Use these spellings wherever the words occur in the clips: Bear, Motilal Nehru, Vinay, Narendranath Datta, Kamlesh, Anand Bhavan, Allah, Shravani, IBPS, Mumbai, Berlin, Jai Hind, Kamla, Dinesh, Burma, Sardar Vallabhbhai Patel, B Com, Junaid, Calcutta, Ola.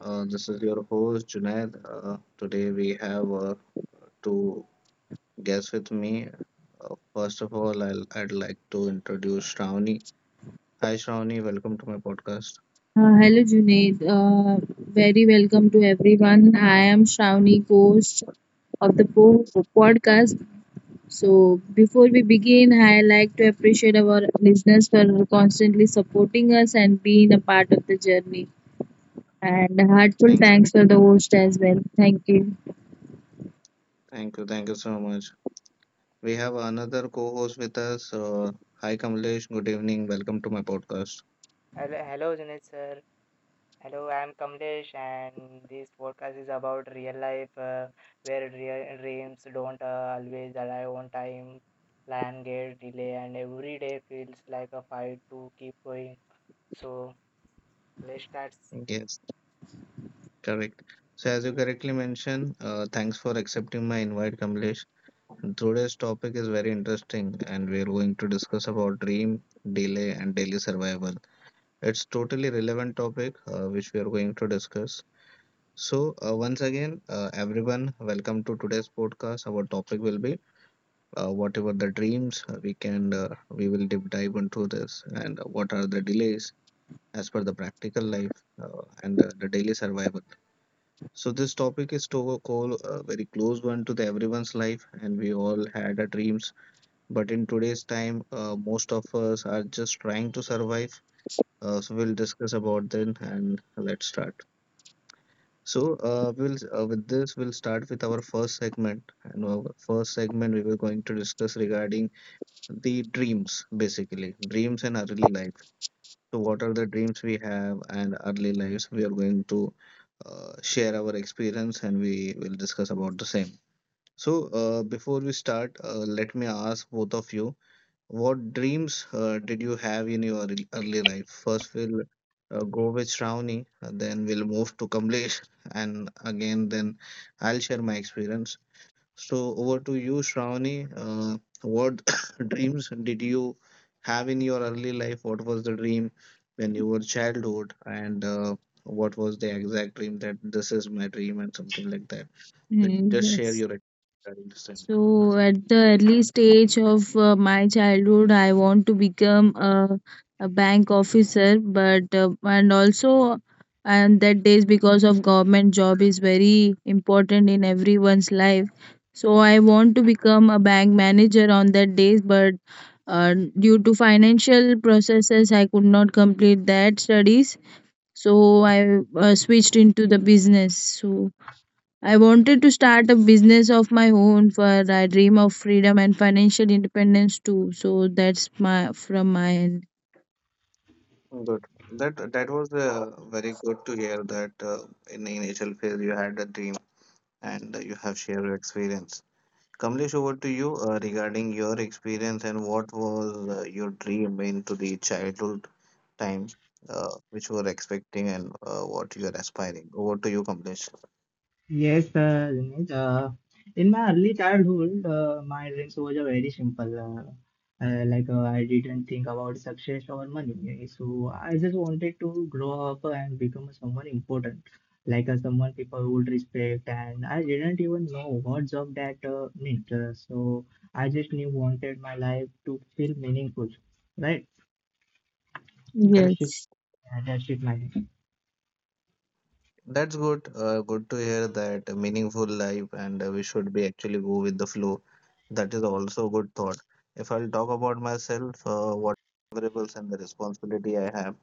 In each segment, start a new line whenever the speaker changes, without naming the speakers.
This is your host Junaid. Today we have two guests with me. First of all, I'd like to introduce Shravani. Hi, Shravani. Welcome to my podcast.
Hello, Junaid. Very welcome to everyone. I am Shravani, host of the podcast. So, before we begin, I like to appreciate our listeners for constantly supporting us and being a part of the journey. And heartfelt
Thank you.
thanks for the host as well. Thank you.
Thank you. Thank you so much. We have another co-host with us. Hi, Kamlesh. Good evening. Welcome to my podcast.
Hello, hello, Junaid sir. Hello, I'm Kamlesh, and this podcast is about real life, where real dreams don't always arrive on time, plan get delay, and every day feels like a fight to keep going. So let's start.
Yes, correct. So, as you correctly mentioned, thanks for accepting my invite, Kamlesh. Today's topic is very interesting, and we're going to discuss about dream, delay, and daily survival. It's totally relevant topic which we are going to discuss. So once again, everyone, welcome to today's podcast. Our topic will be whatever the dreams we will deep dive into this, and what are the delays as per the practical life and the daily survival. So this topic is to a call, very close one to the everyone's life, and we all had a dreams but in today's time, most of us are just trying to survive. So we'll discuss about then and let's start. So we'll with this we'll start with our first segment. And our first segment we were going to discuss regarding the dreams, basically dreams and early life. So what are the dreams we have and early lives? We are going to share our experience and we will discuss about the same. So, before we start, let me ask both of you, what dreams did you have in your early life? First, we'll go with Shravani, then we'll move to Kamlesh, and again, then I'll share my experience. So, over to you, Shravani. What dreams did you have in your early life? What was the dream when you were childhood, and what was the exact dream that this is my dream and something like that?
Mm,
Just share
yes.
your experience.
So, at the early stage of my childhood, I want to become a bank officer, but and also and that days because of government job is very important in everyone's life. So, I want to become a bank manager on that days, but due to financial processes, I could not complete that studies. So, I switched into the business. So. I wanted to start a business of my own for I dream of freedom and financial independence too. So that's my from my end.
Good. That was very good to hear that in the initial phase you had a dream and you have shared your experience. Kamlesh, over to you regarding your experience and what was your dream into the childhood time, which you were expecting and what you are aspiring. Over to you, Kamlesh.
Yes, Dinesh, in my early childhood, my dreams was very simple. I didn't think about success or money, so I just wanted to grow up and become someone important, like someone people would respect. And I didn't even know what job that meant. So I just knew wanted my life to feel meaningful, right? That's
Correct.
just
Yes.
That's it, my.
That's good. Good to hear that a meaningful life, and we should be actually go with the flow. That is also a good thought. If I'll talk about myself, what variables and the responsibility I have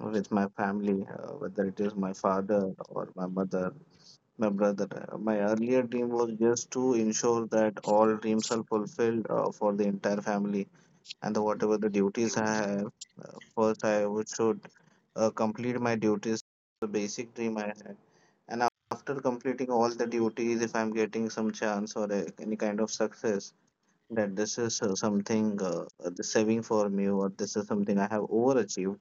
with my family, whether it is my father or my mother, my brother. My earlier dream was just to ensure that all dreams are fulfilled for the entire family, and the, whatever the duties I have, first I would should complete my duties. The basic dream I had and after completing all the duties, if I'm getting some chance or any kind of success, that this is something the saving for me, or this is something I have overachieved.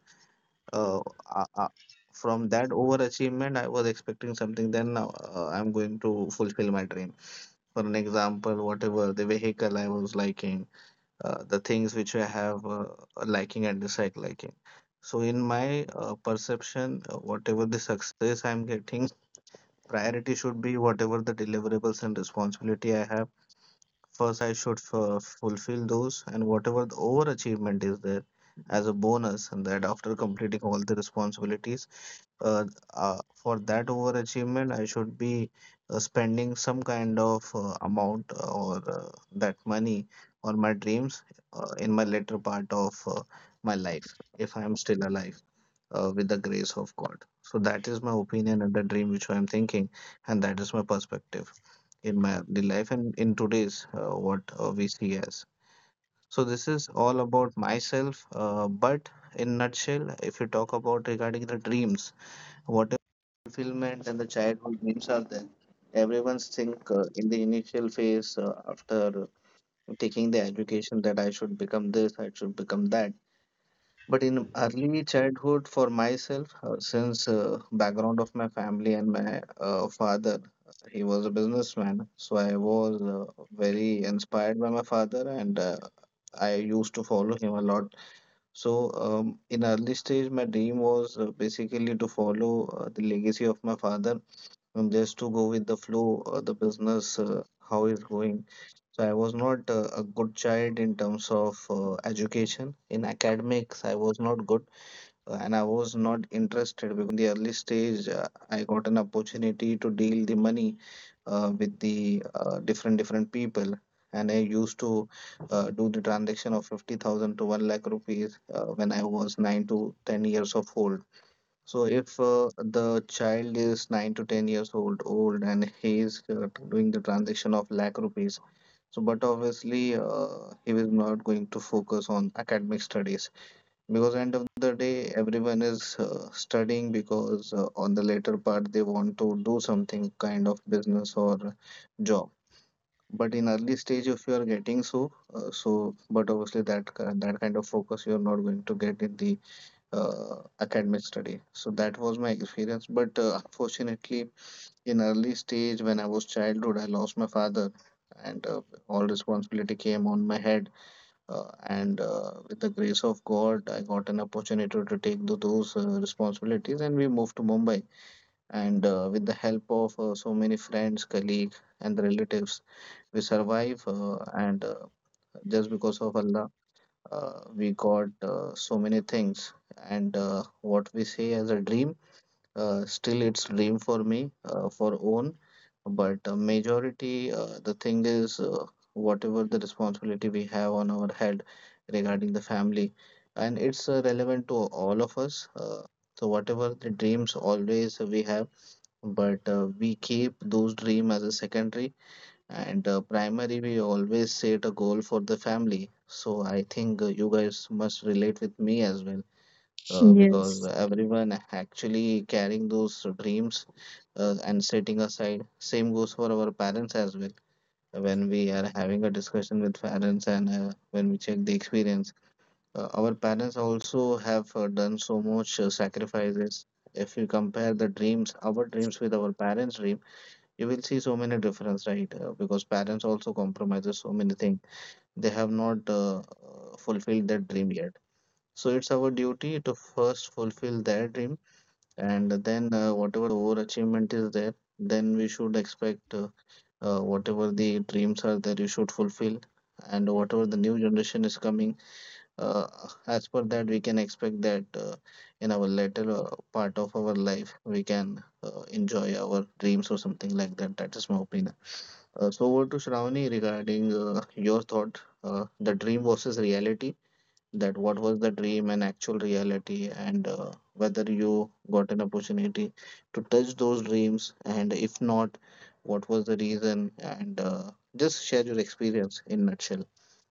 Uh, uh, uh, from that overachievement, I was expecting something. Then now I'm going to fulfill my dream. For an example, whatever the vehicle I was liking, the things which I have liking and dislike liking. So in my perception, whatever the success I'm getting, priority should be whatever the deliverables and responsibility I have. First, I should fulfill those, and whatever the overachievement is there as a bonus, and that after completing all the responsibilities, uh, for that overachievement, I should be spending some kind of amount or that money on my dreams in my later part of my life if I am still alive with the grace of God. So that is my opinion and the dream which I am thinking, and that is my perspective in my the life and in today's what we see as. So this is all about myself, but in nutshell, if you talk about regarding the dreams, whatever fulfillment and the childhood dreams are there. Everyone's think in the initial phase after taking the education that I should become this, I should become that but in early childhood, for myself, since background of my family and my father, he was a businessman, so I was very inspired by my father, and I used to follow him a lot. So in early stage, my dream was basically to follow the legacy of my father, and just to go with the flow, the business how is going. So I was not a good child in terms of education. In academics, I was not good and I was not interested because in the early stage I got an opportunity to deal the money with the different different people and I used to do the transaction of 50,000 to 1 lakh rupees when I was 9 to 10 years of old. So if the child is 9 to 10 years old and he is doing the transaction of lakh rupees so but obviously he was not going to focus on academic studies because end of the day everyone is studying because on the later part they want to do something kind of business or job. But in early stage if you are getting so but obviously that kind of focus you are not going to get in the academic study. So that was my experience but unfortunately in early stage when I was childhood, I lost my father and all responsibility came on my head and with the grace of God, I got an opportunity to take those responsibilities, and we moved to Mumbai. And with the help of so many friends, colleagues, and the relatives, we survive. And just because of Allah, we got so many things. And what we say as a dream still, it's dream for me for own, but majority the thing is whatever the responsibility we have on our head regarding the family, and it's relevant to all of us. So whatever the dreams always we have, but we keep those dream as a secondary and primary. We always set a goal for the family. So I think you guys must relate with me as well because
Yes.
everyone actually carrying those dreams and setting aside. Same goes for our parents as well. When we are having a discussion with parents and when we check the experience, our parents also have done so much sacrifices. If you compare the dreams, our dreams with our parents' dream, you will see so many difference, right? Because parents also compromises so many things. They have not fulfilled that dream yet. So it's our duty to first fulfill their dream and then whatever overachievement is there then we should expect whatever the dreams are there you should fulfill and whatever the new generation is coming uh, as per that we can expect that in our later part of our life we can enjoy our dreams or something like that. That is my opinion. So over to Shravani regarding your thought, the dream versus reality, that what was the dream and actual reality and whether you got an opportunity to touch those dreams and if not what was the reason and just share your experience in nutshell.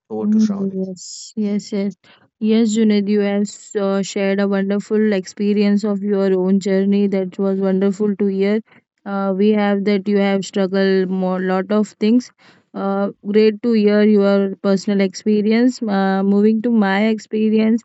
Over to
Mm,
Shravani.
yes, yes, yes. Yes, Junaid, you have shared a wonderful experience of your own journey. That was wonderful to hear. We have that you have struggled more lot of things. Great to hear your personal experience. Moving to my experience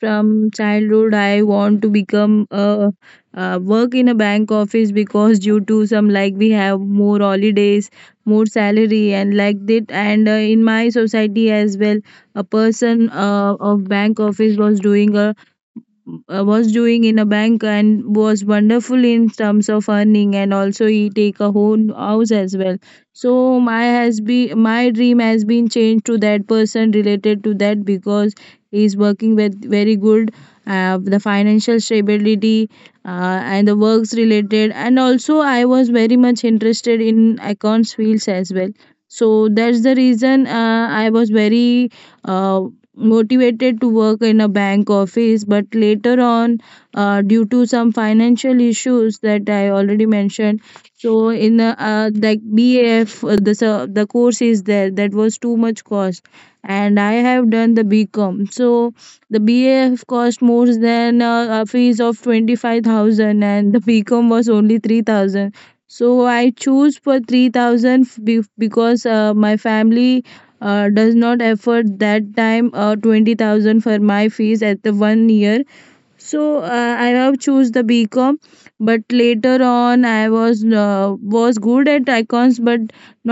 from childhood, I want to become a work in a bank office because due to some like we have more holidays more salary and like that and in my society as well a person of bank office was doing a was doing in a bank and was wonderful in terms of earning and also he take a whole house as well so my dream has been changed to that person related to that because he is working with very good the financial stability and the works related and also I was very much interested in accounts fields as well so that's the reason I was very uh, motivated to work in a bank office but later on due to some financial issues that I already mentioned so in like baf the course is there that was too much cost and I have done the B Com. So the baf cost more than a fees of 25,000 and the B Com was only 3,000 so I choose for 3,000 because my family does not afford that time 20,000 for my fees at the 1 year so I have choose the bcom but later on I was good at icons but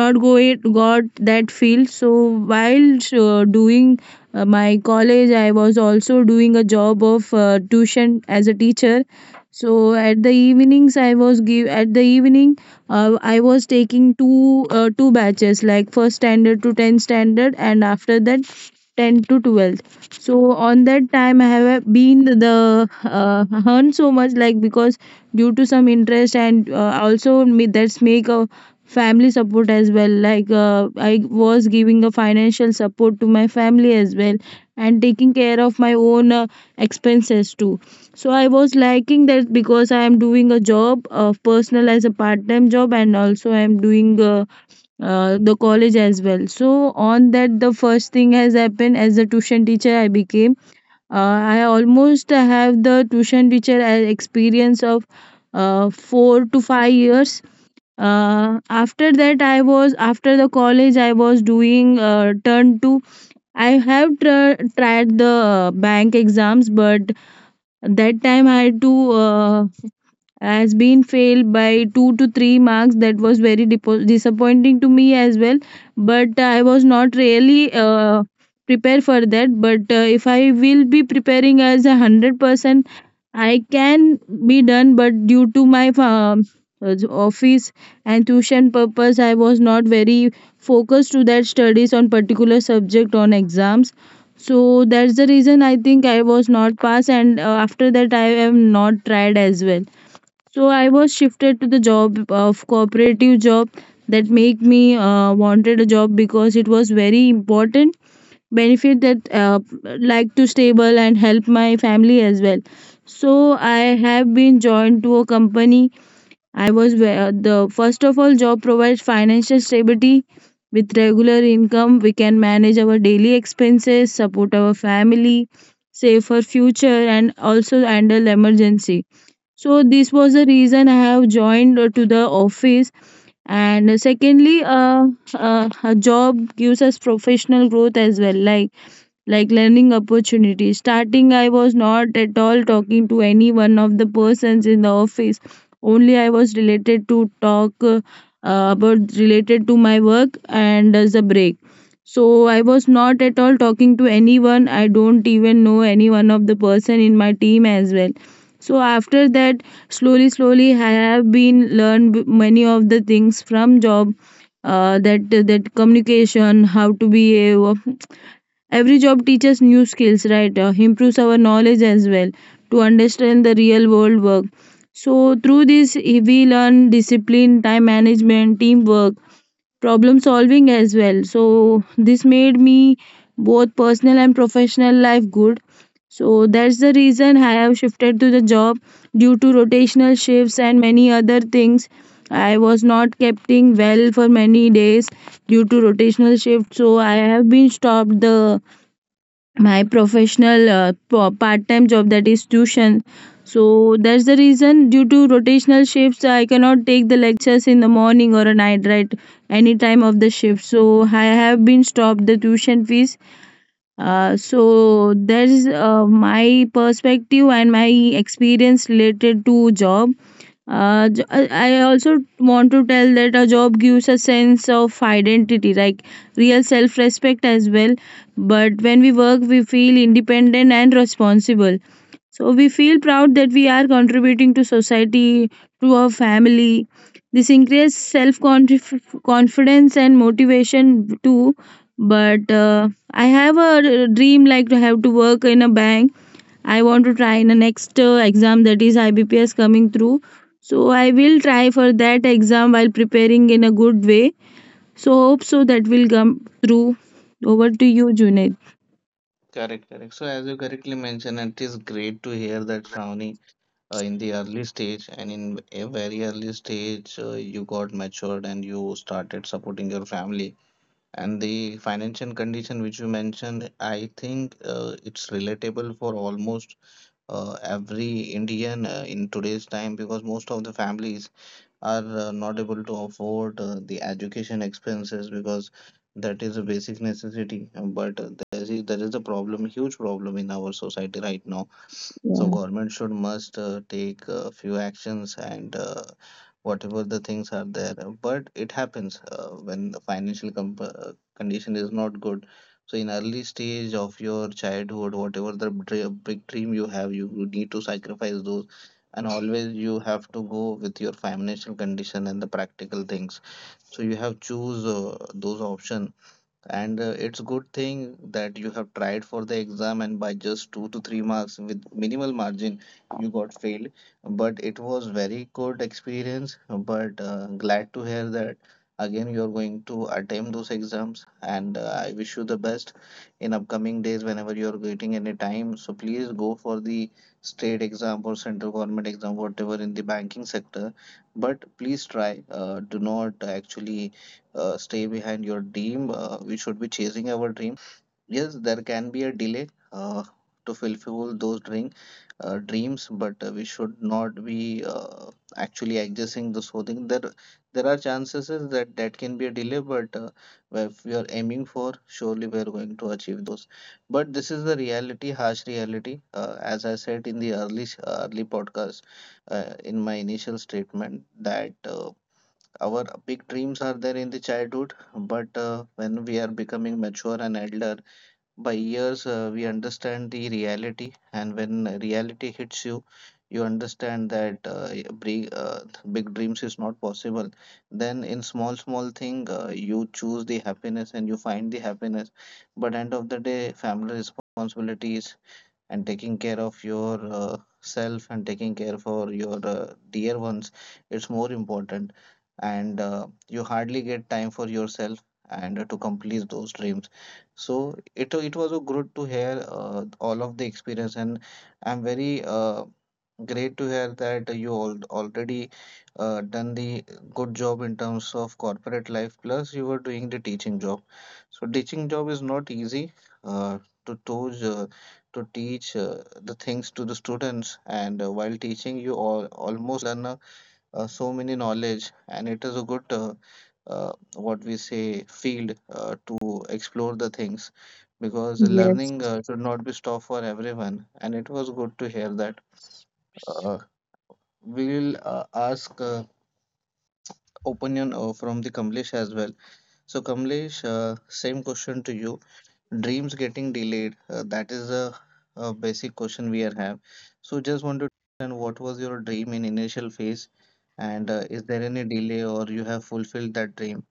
not go it got that field so while doing my college I was also doing a job of tuition as a teacher so at the evenings I was give at the evening I was taking two batches like first standard to 10 standard and after that 10 to 12th so on that time I have been the earn so much like because due to some interest and also me that's make a family support as well like I was giving a financial support to my family as well and taking care of my own expenses too so I was liking that because I am doing a job of personal as a part-time job and also I am doing the college as well. So on that the first thing has happened as a tuition teacher I became. I almost have the tuition teacher experience of 4 to 5 years. After that I was after the college I was doing turn two. I have tried the bank exams but that time I had to has been failed by 2 to 3 marks that was very disappointing to me as well but I was not really prepared for that but if I will be preparing as a 100% I can be done but due to my uh, office and tuition purpose I was not very focused to that studies on particular subject on exams so that's the reason I think I was not passed and after that I am not tried as well so I was shifted to the job of cooperative job that make me wanted a job because it was very important benefit that like to stable and help my family as well. So I have been joined to a company. I was where the first of all job provides financial stability with regular income. We can manage our daily expenses, support our family, save for future, and also handle emergency so this was the reason I have joined to the office and secondly a job gives us professional growth as well like learning opportunities. Starting, I was not at all talking to any one of the persons in the office. Only I was related to talk about related to my work and as a break. So I was not at all talking to anyone. I don't even know any one of the person in my team as well. So after that, slowly, slowly, I have been learned many of the things from job that communication, how to behave, every job teaches new skills right improves our knowledge as well to understand the real world work so through this we learn discipline time management teamwork problem solving as well so this made me both personal and professional life good so that's the reason I have shifted to the job due to rotational shifts and many other things I was not keeping well for many days due to rotational shift so I have been stopped the my professional part-time job that is tuition so that's the reason due to rotational shifts I cannot take the lectures in the morning or a night right any time of the shift so I have been stopped the tuition fees so there's my perspective and my experience related to job. I also want to tell that a job gives a sense of identity, like real self respect as well. But when we work, we feel independent and responsible so we feel proud that we are contributing to society, to our family. This increases self confidence and motivation too. But I have a dream like to have to work in a bank. I want to try in the next exam that is IBPS coming through. So I will try for that exam while preparing in a good way. So hope so that will come through. Over to you, Junaid.
Correct, correct. So, as you correctly mentioned, it is great to hear that Shravani, in the early stage and in a very early stage, you got matured and you started supporting your family. And the financial condition which you mentioned, I think it's relatable for almost every Indian in today's time because most of the families are not able to afford the education expenses because that is a basic necessity. But there is a problem, huge problem in our society right now. So
Yeah.
government should must take a few actions and whatever the things are there. But it happens when the financial condition is not good. So in early stage of your childhood, whatever the big dream you have, you need to sacrifice those and always you have to go with your financial condition and the practical things, so you have choose those option and it's good thing that you have tried for the exam, and by just 2 to 3 marks with minimal margin you got failed, but it was very good experience. But glad to hear that again you are going to attempt those exams, and I wish you the best in upcoming days. Whenever you are getting any time, so please go for the state exam or central government exam, whatever in the banking sector, but please try, do not actually stay behind your dream. We should be chasing our dream. Yes, there can be a delay to fulfill those dream, dreams, but we should not be actually accessing the so thing. There are chances is that that can be a delay, but if we are aiming for, surely we are going to achieve those. But this is the reality, harsh reality. As I said in the early podcast, in my initial statement, that. Our big dreams are there in the childhood, but when we are becoming mature and elder, by years we understand the reality, and when reality hits you, you understand that uh, big dreams is not possible. Then in small small thing, you choose the happiness and you find the happiness. But end of the day, family responsibilities and taking care of your self and taking care for your dear ones, it's more important, and you hardly get time for yourself and to complete those dreams. So it was a good to hear all of the experience, and I'm very great to hear that you all already done the good job in terms of corporate life plus you were doing the teaching job. So teaching job is not easy uh, to those to teach the things to the students, and while teaching you all almost learn so many knowledge, and it is a good what we say field to explore the things because learning
Yes.
should not be stopped for everyone. And it was good to hear that uh, we will ask opinion from the Kamlesh as well. So Kamlesh, same question to you. Dreams getting delayed, that is a basic question we are have. So just want to understand what was your dream in initial phase, and is there any delay or you have fulfilled that dream.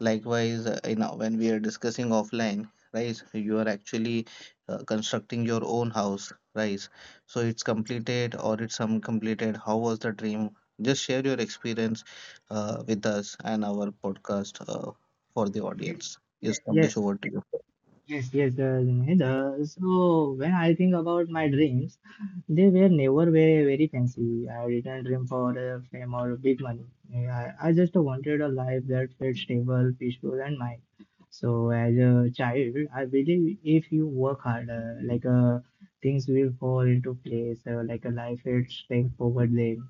Likewise, you know when we are discussing offline, right, you are actually constructing your own house, right? So it's completed or it's uncompleted? How was the dream? Just share your experience with us and our podcast for the
yes,
audience. Yes, Kamlesh,
Yes.
over to you.
Yes, yes, the Junaid. So when I think about my dreams, they were never very, very fancy. I didn't dream for fame or big money. I just wanted a life that felt stable, peaceful, and mine. So as a child, I believe if you work hard, things will fall into place, like a life it's straightforward then.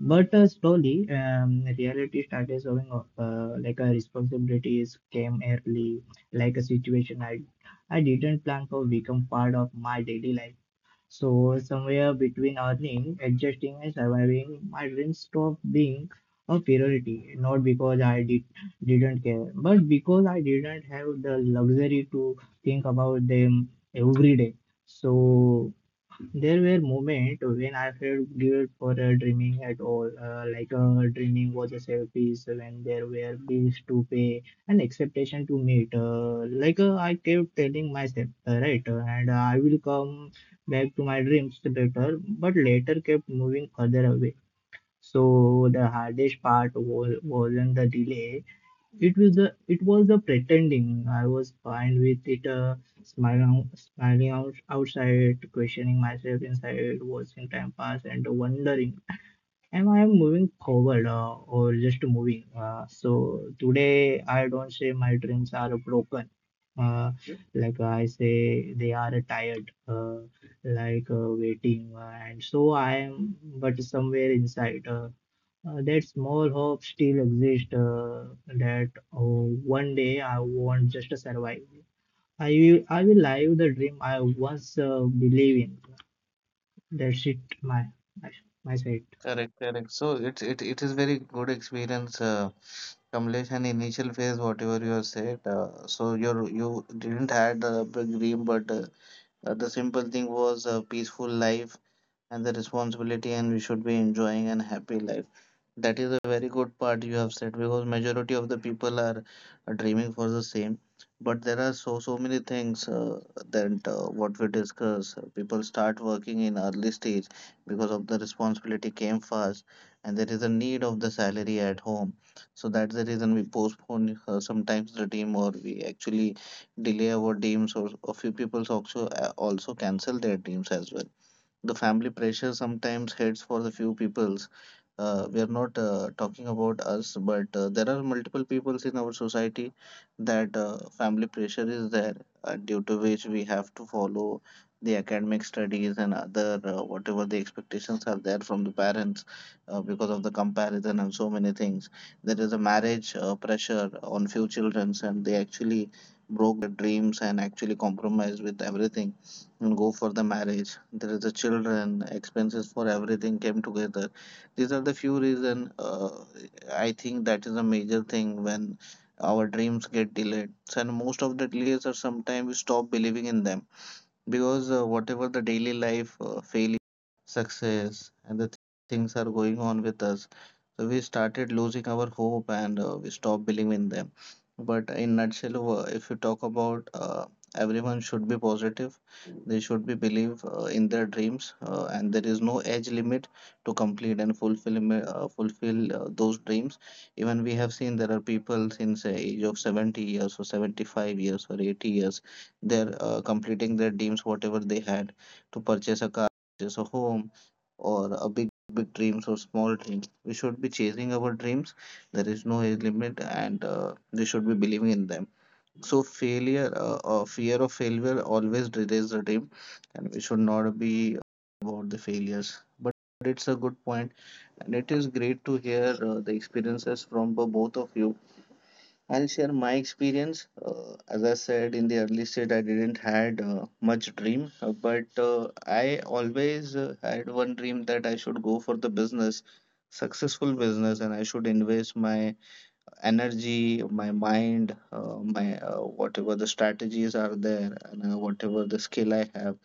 But slowly, reality started showing up. Responsibilities came early like a situation I didn't plan for become part of my daily life. So somewhere between earning, adjusting and surviving, my dreams stopped being a priority. Not because I didn't care, but because I didn't have the luxury to think about them every day. So there were moments when I felt guilt for dreaming at all, dreaming was a selfish when there were bills to pay and expectation to meet. I kept telling myself, and I will come back to my dreams later, but later kept moving further away. So the hardest part was, wasn't the delay, it was the pretending. I was fine with it, smiling smiling out, outside, questioning myself inside, watching time pass, and wondering, am I moving forward or just moving? So today I don't say my dreams are broken. Uh, like I say, they are tired, waiting, and so I am, but somewhere inside. That small hope still exists. That oh, one day I won't just survive. I will live the dream I once believe in. That's it, my, my side.
Correct, correct. So it's it is very good experience, Kamlesh, and initial phase, whatever you have said. So your you didn't had a big dream, but the simple thing was a peaceful life and the responsibility and we should be enjoying and happy life. That is a very good part you have said because majority of the people are dreaming for the same, but there are so many things that what we discuss, people start working in early stage because of the responsibility came fast and there is a need of the salary at home. So that's the reason we postpone sometimes the dream, or we actually delay our dreams, or a few people also also cancel their dreams as well. The family pressure sometimes heads for the few peoples. We are not talking about us, but there are multiple peoples in our society that family pressure is there, due to which we have to follow the academic studies and other whatever the expectations are there from the parents because of the comparison and so many things. There is a marriage pressure on few children, and they actually broke dreams and actually compromised with everything and go for the marriage. There is the children, expenses for everything came together. These are the few reason. I think that is a major thing when our dreams get delayed. So, and most of the delays are sometimes we stop believing in them because whatever the daily life failure success and the things are going on with us, so we started losing our hope, and we stopped believing in them. But in nutshell, if you talk about, everyone should be positive, they should be believe in their dreams, and there is no age limit to complete and fulfill those dreams. Even we have seen there are people since the age of 70 years or 75 years or 80 years, they're completing their dreams, whatever they had, to purchase a car, purchase a home, or a big, big dreams or small dreams. We should be chasing our dreams. There is no age limit, and we should be believing in them. So failure, fear of failure, always delays the dream, and we should not be about the failures. But it's a good point, and it is great to hear the experiences from both of you. I'll share my experience. As I said in the early stage, I didn't had much dream, but I always had one dream that I should go for the business, successful business, and I should invest my energy, my mind, my whatever the strategies are there, and whatever the skill I have.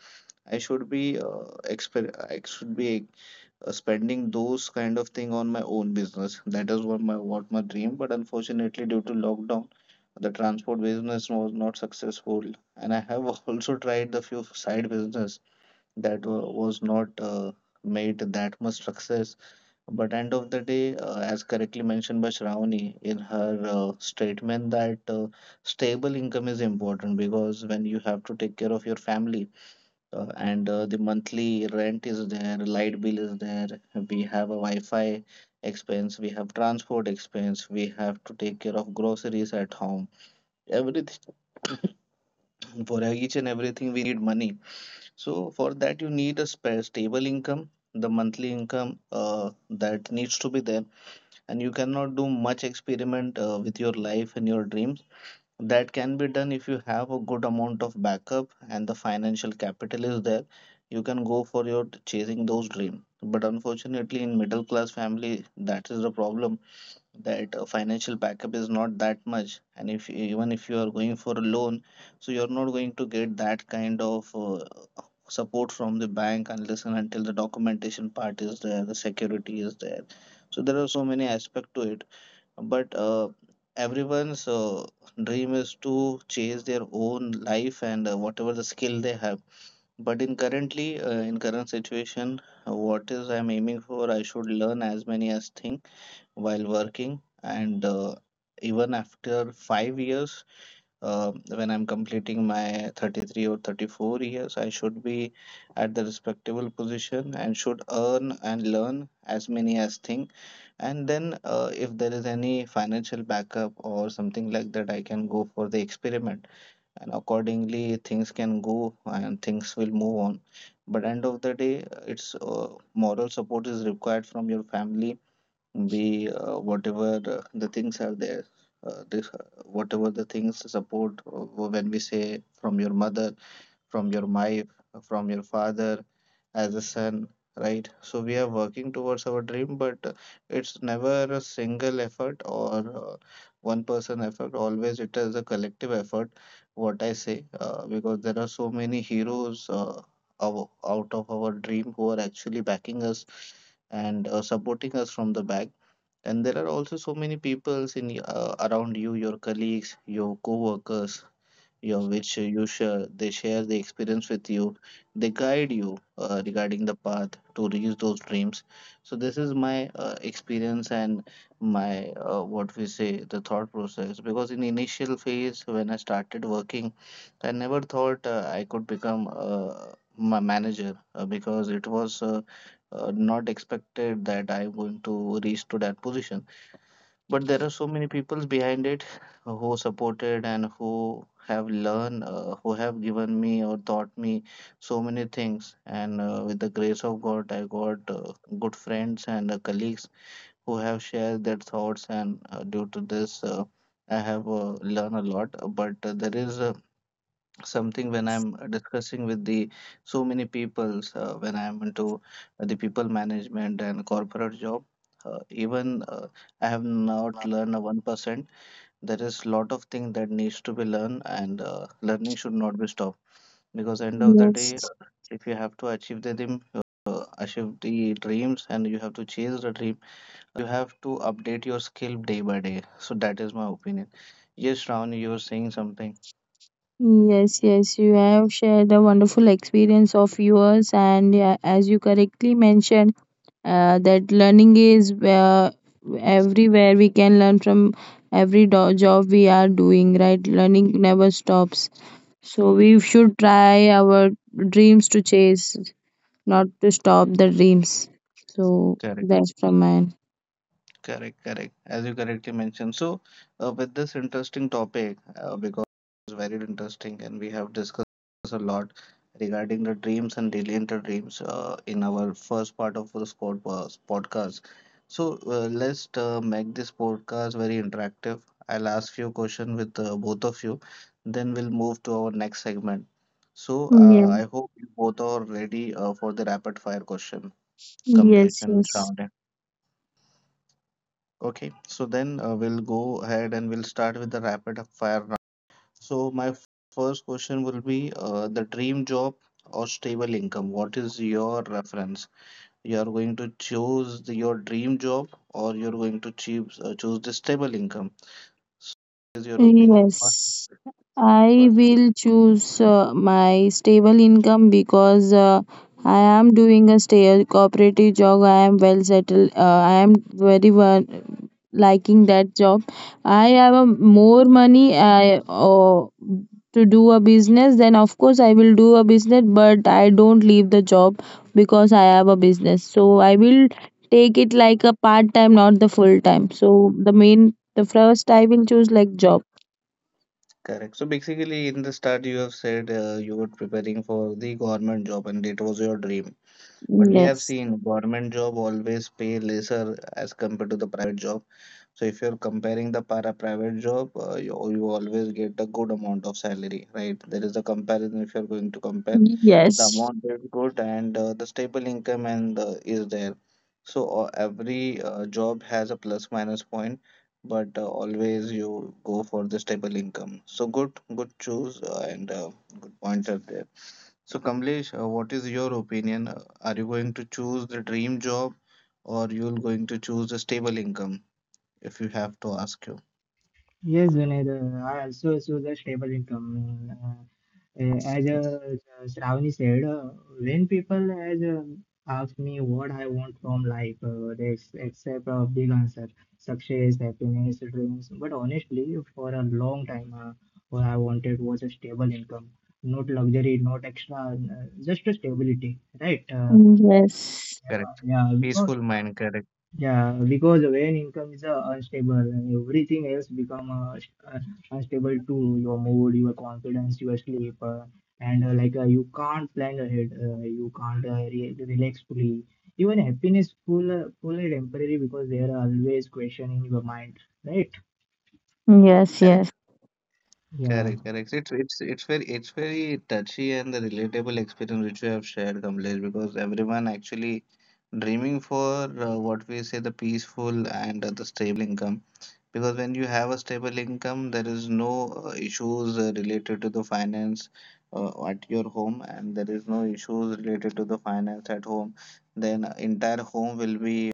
I should be exper I should be spending those kind of thing on my own business. That is what my dream. But unfortunately, due to lockdown, the transport business was not successful. And I have also tried the few side business that was not made that much success. But end of the day, as correctly mentioned by Shravani in her statement, that stable income is important because when you have to take care of your family and the monthly rent is there, light bill is there, we have a Wi-Fi expense, we have transport expense, we have to take care of groceries at home. Everything for each and everything we need money. So for that you need a stable income, the monthly income, that needs to be there, and you cannot do much experiment with your life and your dreams. That can be done if you have a good amount of backup and the financial capital is there. You can go for your chasing those dreams. But unfortunately, in middle class family, that is the problem that financial backup is not that much. And if even if you are going for a loan, so you're not going to get that kind of support from the bank unless and until the documentation part is there, the security is there. So there are so many aspects to it, but everyone's dream is to chase their own life and whatever the skill they have. But in currently, in current situation, what is I'm aiming for, I should learn as many as thing while working, and even after 5 years when I'm completing my 33 or 34 years, I should be at the respectable position and should earn and learn as many as thing. And then, if there is any financial backup or something like that, I can go for the experiment, and accordingly, things can go and things will move on. But end of the day, it's moral support is required from your family, the whatever the things are there, this, whatever the things support, when we say from your mother, from your wife, from your father, as a son, right? So we are working towards our dream, but it's never a single effort or one person effort. Always it is a collective effort, what I say, because there are so many heroes out of our dream who are actually backing us and supporting us from the back. And there are also so many peoples in around you, your colleagues, your co-workers, your which you share. They share the experience with you. They guide you regarding the path to reach those dreams. So this is my experience and my what we say the thought process. Because in initial phase when I started working, I never thought I could become my manager because it was not expected that I'm going to reach to that position, but there are so many people behind it who supported and who have learned who have given me or taught me so many things, and with the grace of god I got good friends and colleagues who have shared their thoughts, and due to this I have learned a lot. But There is something. When I'm discussing with the so many peoples, when I'm into the people management and corporate job, even I have not learned a 1%. There is lot of thing that needs to be learned, and learning should not be stopped, because end of the day
Yes.
if you have to achieve the dream, achieve the dreams and you have to chase the dream, have to update your skill day by day. So that is my opinion. Yes Ravani, you were saying something.
Yes, yes, you have shared a wonderful experience of yours, and yeah, as you correctly mentioned, that learning is everywhere. We can learn from every job we are doing, right? Learning never stops. So we should try our dreams to chase, not to stop the dreams. So
Correct.
that's from mine.
Correct, correct. As you correctly mentioned. So, with this interesting topic, because it's very interesting and we have discussed a lot regarding the dreams and dealing the dreams in our first part of this podcast. So, let's make this podcast very interactive. I'll ask you a question with both of you, then we'll move to our next segment. So, I
Yeah.
hope you both are ready for the rapid fire question, Kamlesh
Yes,
and
yes.
Shravani. Okay, so then we'll go ahead and we'll start with the rapid fire round. So my first question will be the dream job or stable income. What is your reference? You are going to choose the, your dream job, or you're going to choose the stable income. So what is your opinion? What
Yes, I
first,
will choose my stable income because I am doing a stable cooperative job. I am well settled. I am very well liking that job. I have a more money to do a business. Then of course I will do a business, but I don't leave the job because I have a business. So I will take it like a part time, not the full time. So the main, the first I will choose like job.
correct. So basically, in the start, you have said you were preparing for the government job and it was your dream. But we have
Yes.
seen government job always pay lesser as compared to the private job. So if you're comparing the para private job, you, you always get a good amount of salary, right? There is a comparison. If you're going to compare, the
Yes.
amount is good and the stable income and is there. So every job has a plus minus point, but always you go for the stable income. So good, good choose, and good points are there. So Kamlesh, what is your opinion? Are you going to choose the dream job, or you're going to choose a stable income if you have to ask you?
Yes, Vinay, I also assume the stable income. As Shravani said, when people as ask me what I want from life, they accept a big answer, success, happiness, dreams. But honestly, for a long time, what I wanted was a stable income, not luxury, not extra, just a stability, right?
Yes.
Correct.
Yeah,
Peaceful mind, correct.
yeah, because when income is unstable and everything else become unstable too, your mood, your confidence, your sleep, and like you can't plan ahead, you can't re relax fully. Even happiness full, full and temporary because there are always question in your mind, right?
Yes. Yes.
Correct.
Yeah.
Correct, correct. It's very, it's very touchy and the relatable experience which you have shared, Kamlesh, because everyone actually dreaming for what we say the peaceful and the stable income. Because when you have a stable income, there is no issues related to the finance at your home, and there is no issues related to the finance at home. Then entire home will be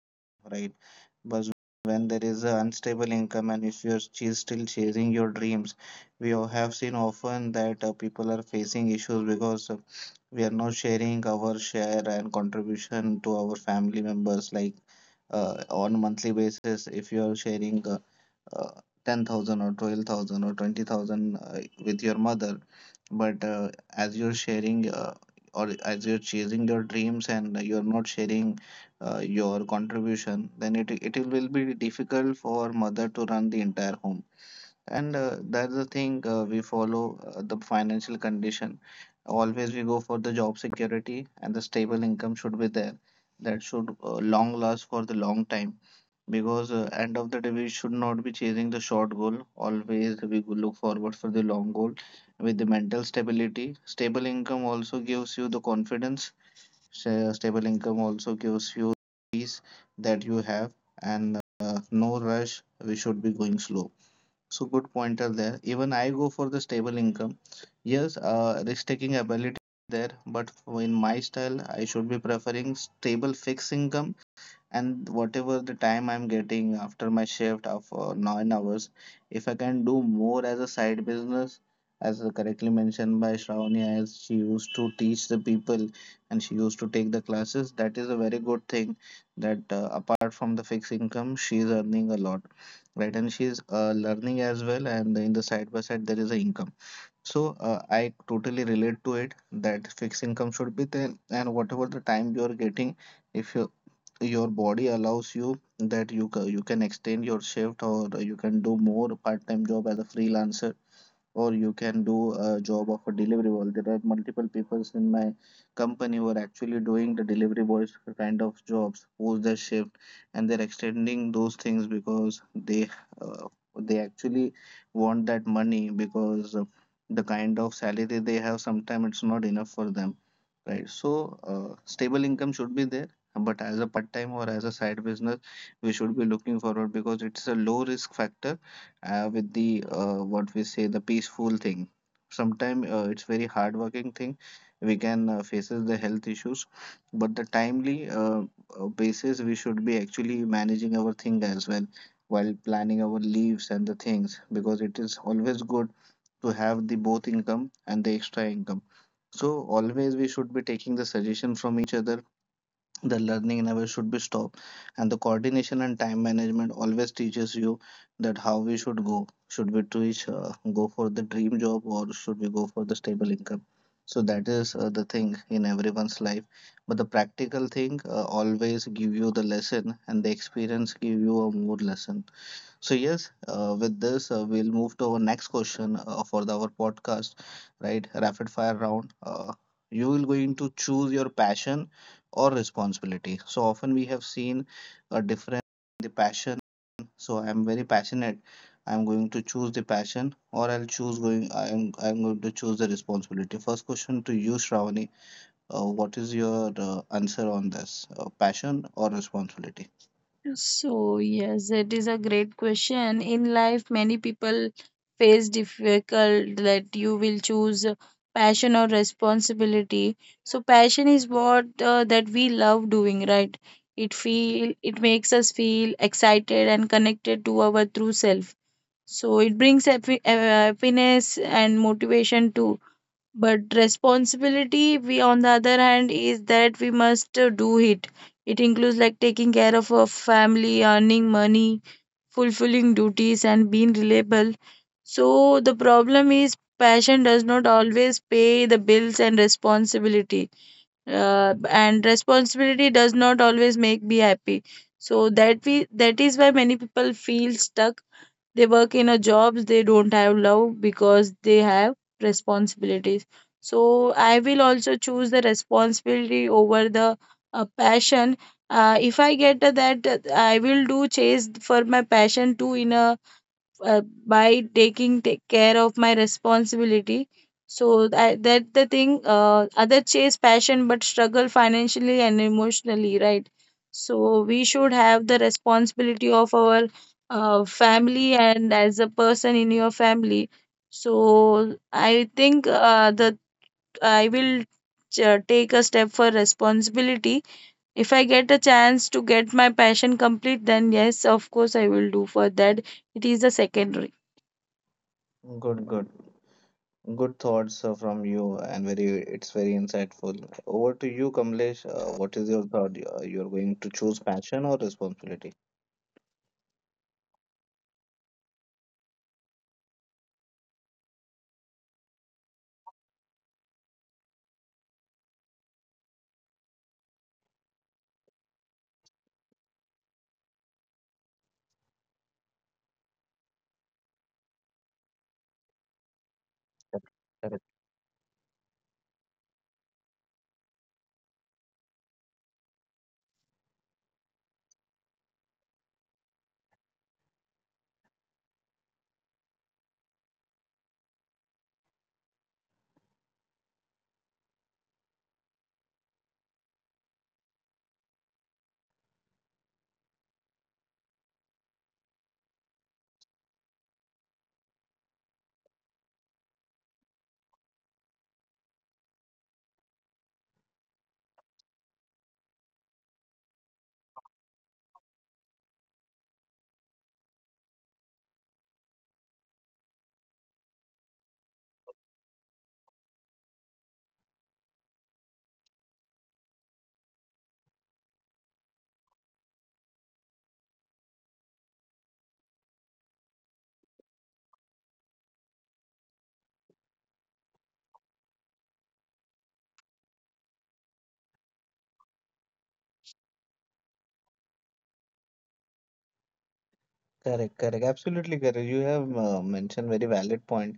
right. But when there is an unstable income, and if you're still chasing your dreams, we all have seen often that people are facing issues because we are not sharing our share and contribution to our family members. Like on monthly basis, if you are sharing uh, 10,000 or 12,000 or 20,000 with your mother, but as you're sharing or as you're chasing your dreams and you're not sharing your contribution, then it will be difficult for mother to run the entire home. And that's the thing, we follow the financial condition. Always we go for the job security, and the stable income should be there. That should long last for the long time. Because end of the day, we should not be chasing the short goal. Always we look forward for the long goal with the mental stability. Stable income also gives you the confidence. Stable income also gives you peace that you have and no rush. We should be going slow. So good pointer there. Even I go for the stable income. Yes, risk-taking ability there, but in my style, I should be preferring stable fixed income, and whatever the time I'm getting after my shift of 9 hours, if I can do more as a side business, as correctly mentioned by Shravani, as she used to teach the people and she used to take the classes, that is a very good thing that apart from the fixed income, she is earning a lot, right? And she's learning as well, and in the side by side there is a income. So I totally relate to it that fixed income should be there, and whatever the time you are getting, if you your body allows you that you you can extend your shift or you can do more part time job as a freelancer, or you can do a job of a delivery boy. There are multiple people in my company who are actually doing the delivery boys kind of jobs post their shift, and they're extending those things because uh, they actually want that money, because the kind of salary they have sometimes it's not enough for them, right? So stable income should be there, but as a part time or as a side business, we should be looking forward, because it's a low risk factor with the what we say the peaceful thing. Sometimes it's very hardworking thing. We can faces the health issues, but the timely basis we should be actually managing our thing as well while planning our leaves and the things, because it is always good to have the both income and the extra income. So always we should be taking the suggestion from each other. The learning never should be stopped, and the coordination and time management always teaches you that how we should go. Should we teach, go for the dream job, or should we go for the stable income? So that is the thing in everyone's life. But the practical thing always give you the lesson, and the experience give you a more lesson. So yes, with this we'll move to our next question for the, our podcast, right? Rapid fire round. You will going to choose your passion or responsibility. So often we have seen a difference in the passion. So I'm very passionate. I'm going to choose the passion, or I'll choose going. I'm going to choose the responsibility. First question to you, Shravani. What is your answer on this? Passion or responsibility?
So, yes, it is a great question. In life, many people face difficult that you will choose passion or responsibility. So, passion is what that we love doing, right? It feel it makes us feel excited and connected to our true self. So, it brings happiness and motivation too. But responsibility, we on the other hand, is that we must do it. It includes like taking care of a family, earning money, fulfilling duties, and being reliable. So the problem is passion does not always pay the bills and responsibility does not always make me happy. That is why many people feel stuck they work in a jobs they don't have love because they have responsibilities. So I will also choose the responsibility over the passion. If I get that, I will do chase for my passion too in a by taking take care of my responsibility so that the thing other chase passion but struggle financially and emotionally right so we should have the responsibility of our family and as a person in your family so I think that I will take a step for responsibility if I get a chance to get my passion complete then yes of course I will do for that it is the secondary.
Good, good. Good thoughts from you, and very it's very insightful. Over to you, Kamlesh. What is your thought? You're going to choose passion or responsibility? Correct, correct, correct. Absolutely correct. You have mentioned very valid point.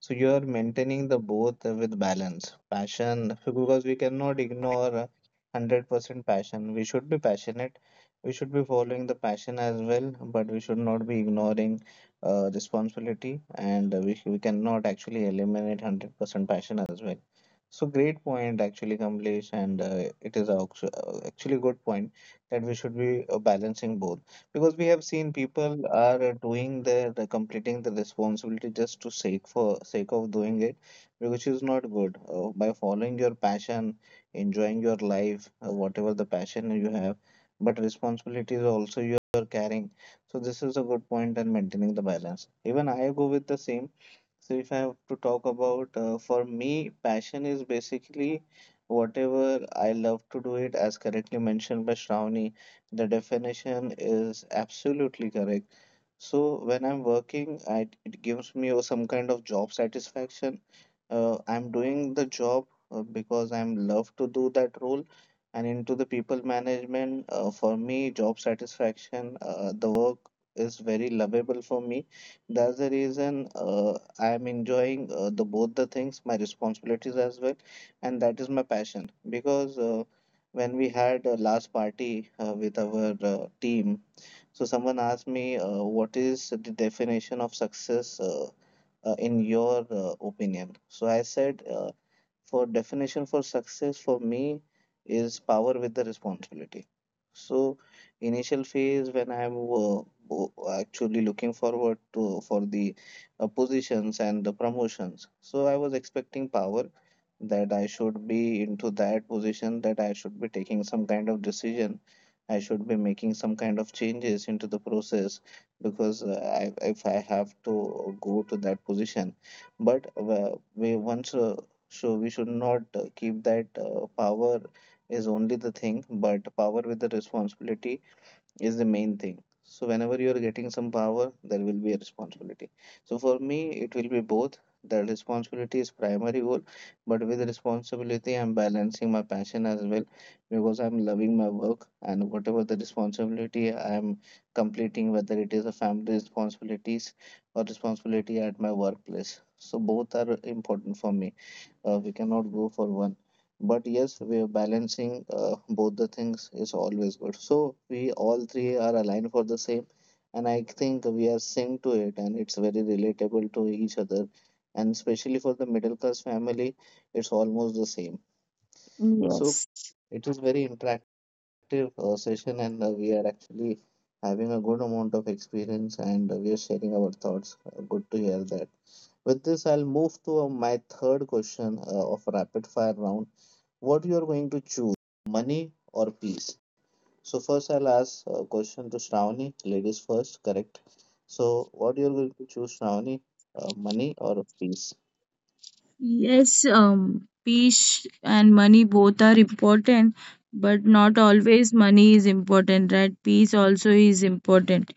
So you are maintaining the both with balance, passion, because we cannot ignore 100% passion. We should be passionate. We should be following the passion as well, but we should not be ignoring responsibility, and we cannot actually eliminate 100% passion as well. So great point actually, Kamlesh, and it is actually good point that we should be balancing both, because we have seen people are doing their the completing the responsibility just to sake for sake of doing it, which is not good. By following your passion, enjoying your life, whatever the passion you have, but responsibilities also you are carrying. So this is a good point and maintaining the balance. Even I go with the same. So if I have to talk about, for me passion is basically whatever I love to do it, as correctly mentioned by Shravani, the definition is absolutely correct. So when I'm working, I, it gives me some kind of job satisfaction. I'm doing the job because I'm love to do that role. And into the people management, for me, job satisfaction, the work is very lovable for me. That's the reason I'm enjoying the both the things, my responsibilities as well, and that is my passion. Because when we had a last party with our team, so someone asked me, "What is the definition of success in your opinion?" So I said, for definition for success for me is power with the responsibility. So initial phase when I'm actually looking forward to for the positions and the promotions. So I was expecting power that I should be into that position, that I should be taking some kind of decision, I should be making some kind of changes into the process, because I, if I have to go to that position. But we once so we should not keep that power is only the thing, but power with the responsibility is the main thing. So whenever you are getting some power, there will be a responsibility. So for me, it will be both. The responsibility is primary goal, but with responsibility, I'm balancing my passion as well because I'm loving my work and whatever the responsibility I'm completing, whether it is a family responsibilities or responsibility at my workplace. So both are important for me. We cannot go for one, but yes, we are balancing both the things is always good, so we all three are aligned for the same and I think we are synced to it and it's very relatable to each other, and especially for the middle class family it's almost the same. So
Yes.
it was very interactive session, and we are actually having a good amount of experience, and we are sharing our thoughts. Good to hear that. With this, I'll move to my third question of rapid fire round. What you are going to choose, money or peace? So first, I'll ask a question to Shravani. Ladies first, correct? So what you are going to choose, Shravani? Money or peace?
Yes, peace and money both are important, but not always money is important, right? Peace also is important.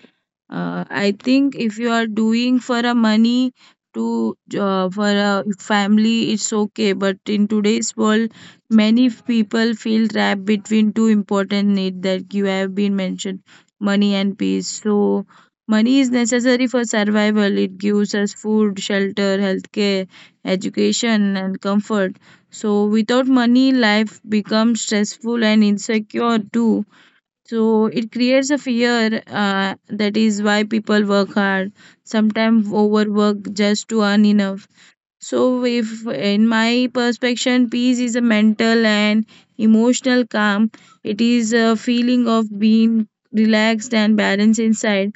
I think if you are doing for a money to for a family, it's okay. But in today's world, many people feel trapped between two important needs that you have been mentioned, money and peace. So money is necessary for survival. It gives us food, shelter, healthcare, education, and comfort. So without money, life becomes stressful and insecure too, so it creates a fear. That is why people work hard, sometimes overwork just to earn enough. So, if in my perception, peace is a mental and emotional calm. It is a feeling of being relaxed and balanced inside.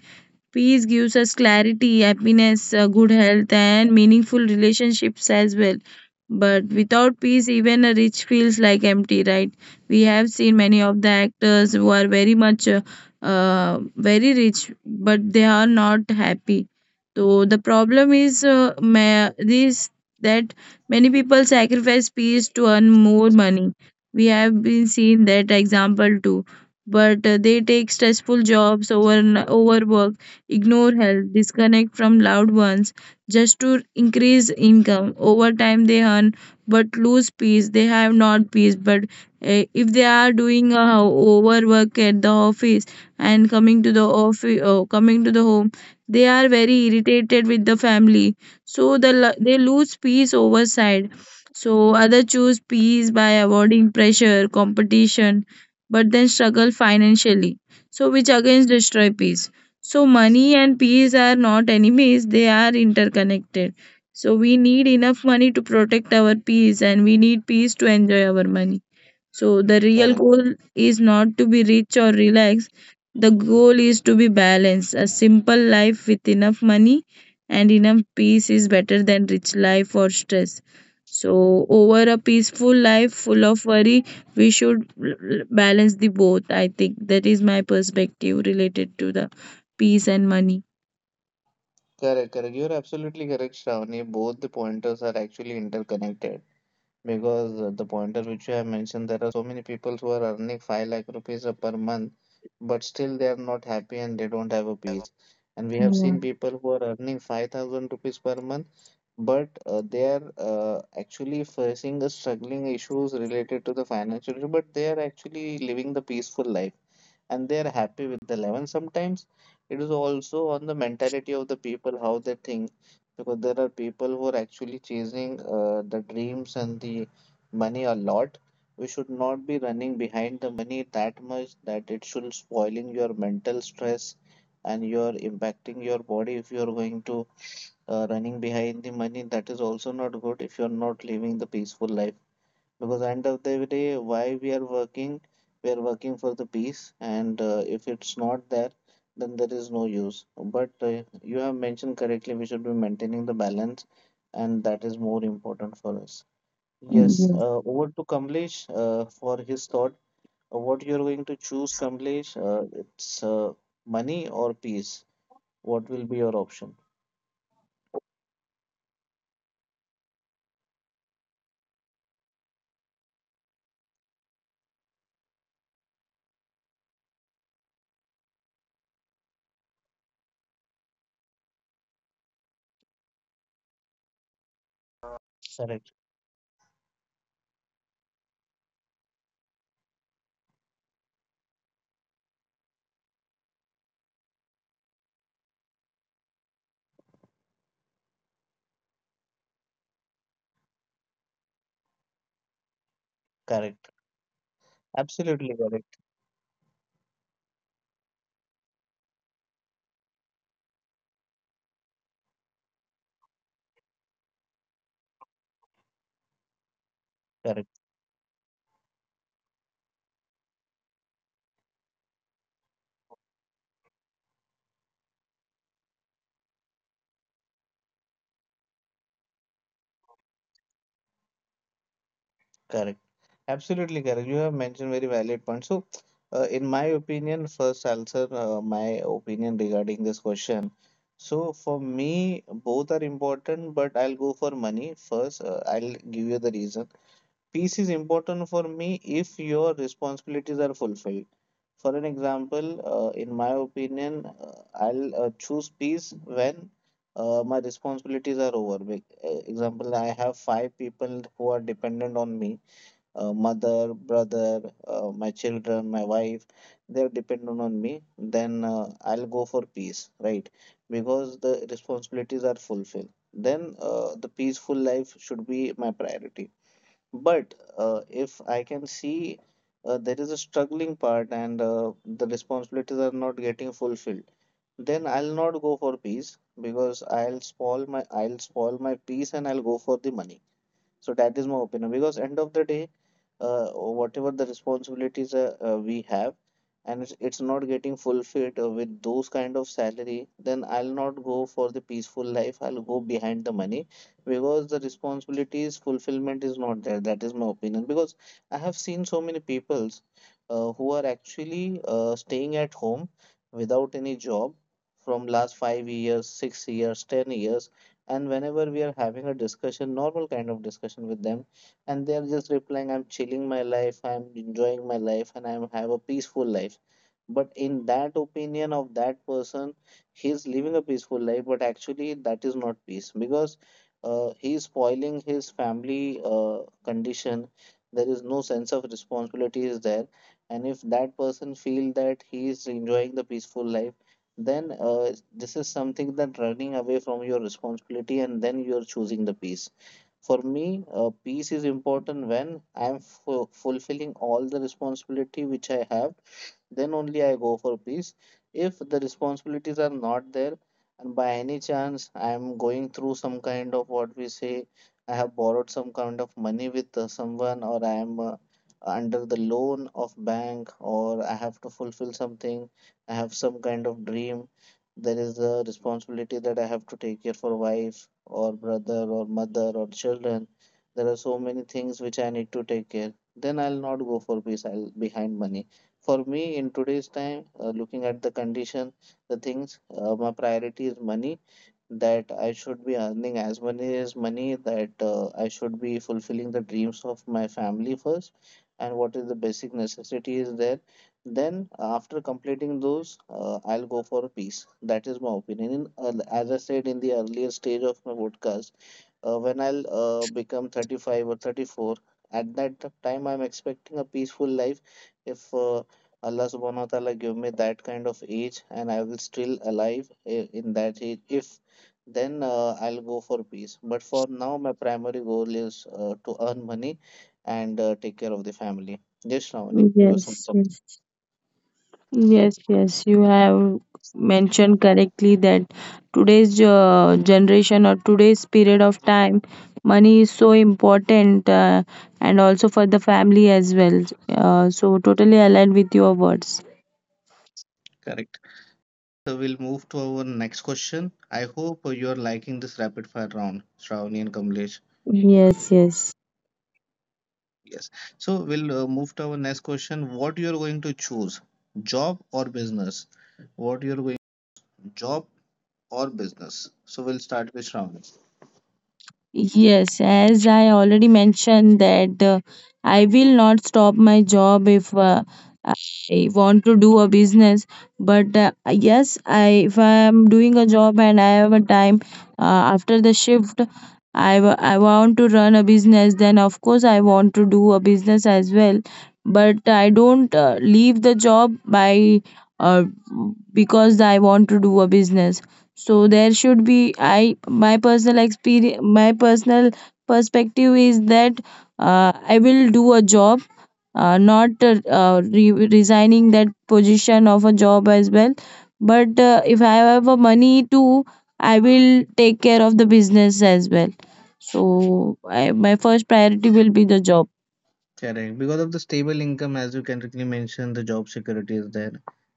Peace gives us clarity, happiness, good health, and meaningful relationships as well. But without peace, even a rich feels like empty, right? We have seen many of the actors who are very much, very rich, but they are not happy. So the problem is this, that many people sacrifice peace to earn more money. We have been seeing that example too, but they take stressful jobs, over overwork, ignore help, disconnect from loved ones just to increase income. Over time, they earn but lose peace. They have not peace. But if they are doing a overwork at the office and coming to the office, coming to the home, they are very irritated with the family. So the they lose peace overside. So other choose peace by avoiding pressure, competition, but then struggle financially, so which again destroy peace. So, money and peace are not enemies, they are interconnected. So, we need enough money to protect our peace, and we need peace to enjoy our money. So the real
Correct,
goal is not to be rich or relaxed. The goal is to be balanced. A simple life with enough money and enough peace is better than rich life or stress, so over a peaceful life full of worry. We should balance the both. I think that is my perspective related to the peace and money.
correct, correct. You're absolutely correct, Shravani. Both the pointers are actually interconnected, because the pointer which you have mentioned, there are so many people who are earning 5 lakh rupees per month, but still they are not happy and they don't have a peace. And we have
Yeah.
seen people who are earning 5,000 rupees per month, but they are actually facing the struggling issues related to the financial issue, but they are actually living the peaceful life and they are happy with the life. And sometimes it is also on the mentality of the people how they think, because there are people who are actually chasing the dreams and the money a lot. We should not be running behind the money that much that it should spoiling your mental stress and you're impacting your body if you're going to running behind the money. That is also not good if you're not living the peaceful life. Because end of the day, why we are working for the peace, and if it's not there, then there is no use. But you have mentioned correctly, we should be maintaining the balance, and that is more important for us.
And
Yes,
yes.
over to Kamlesh for his thought. What you're going to choose, Kamlesh? It's money or peace? What will be your option? Correct, correct. Absolutely correct, correct. Absolutely correct. You have mentioned very valid point. So, in my opinion, first I'll answer my opinion regarding this question. So, for me, both are important, but I'll go for money first. I'll give you the reason. Peace is important for me if your responsibilities are fulfilled. For an example, in my opinion, I'll choose peace when my responsibilities are over. Example, I have five people who are dependent on me, mother, brother, my children, my wife, they're dependent on me, then I'll go for peace, right? Because the responsibilities are fulfilled. Then the peaceful life should be my priority. But if I can see there is a struggling part and the responsibilities are not getting fulfilled, then I'll not go for peace because I'll spoil my, I'll spoil my peace and I'll go for the money. So that is my opinion, because end of the day, whatever the responsibilities we have, and it's not getting fulfilled with those kind of salary, then I'll not go for the peaceful life. I'll go behind the money because the responsibilities fulfillment is not there. That is my opinion, because I have seen so many peoples who are actually staying at home without any job from last 5 years, 6 years, 10 years, and whenever we are having a discussion, normal kind of discussion with them, and they are just replying, "I'm chilling my life, I'm enjoying my life and I have a peaceful life." But in that opinion of that person, he's living a peaceful life, but actually that is not peace, because he is spoiling his family condition. There is no sense of responsibility is there, and if that person feel that he is enjoying the peaceful life, then this is something that running away from your responsibility and then you're choosing the peace. For me, peace is important when I'm fulfilling all the responsibility which I have, then only I go for peace. If the responsibilities are not there, and by any chance I am going through some kind of, what we say, I have borrowed some kind of money with someone, or I am under the loan of bank, or I have to fulfill something, I have some kind of dream. There is a responsibility that I have to take care for wife or brother or mother or children. There are so many things which I need to take care. Then I'll not go for peace. I'll behind money. For me, in today's time, looking at the condition, the things, my priority is money, that I should be earning as many as money, that I should be fulfilling the dreams of my family first, and what is the basic necessity is there. Then, after completing those, I'll go for peace. That is my opinion. In, as I said in the earlier stage of my podcast, when I'll become 35 or 34, at that time I'm expecting a peaceful life. If Allah subhanahu wa ta'ala give me that kind of age and I will still alive in that age, if then I'll go for peace. But for now, my primary goal is to earn money and take care of the family. Yes, Shravani, you were saying
Yes.
something.
Yes. Yes, yes, you have mentioned correctly that today's generation or today's period of time, money is so important and also for the family as well. So, totally aligned with your words.
Correct. So we'll move to our next question. I hope you are liking this rapid fire round, Shravani and Kamlesh.
Yes, yes.
Yes. So we'll move to our next question. What you're going to choose, job or business? What you're going, job or business? So we'll start with Shravani.
Yes, as I already mentioned that I will not stop my job if I want to do a business. But yes, I if I am doing a job and I have a time uh, after the shift, I I want to run a business, then of course I want to do a business as well. But I don't leave the job by uh, because I want to do a business. So there should be I my personal experience, my personal perspective is that I will do a job, not resigning that position of a job as well, but if I have a money too, I will take care of the business as well. So I, my first priority will be the job.
Correct. Because of the stable income, as you correctly mentioned, the job security is there.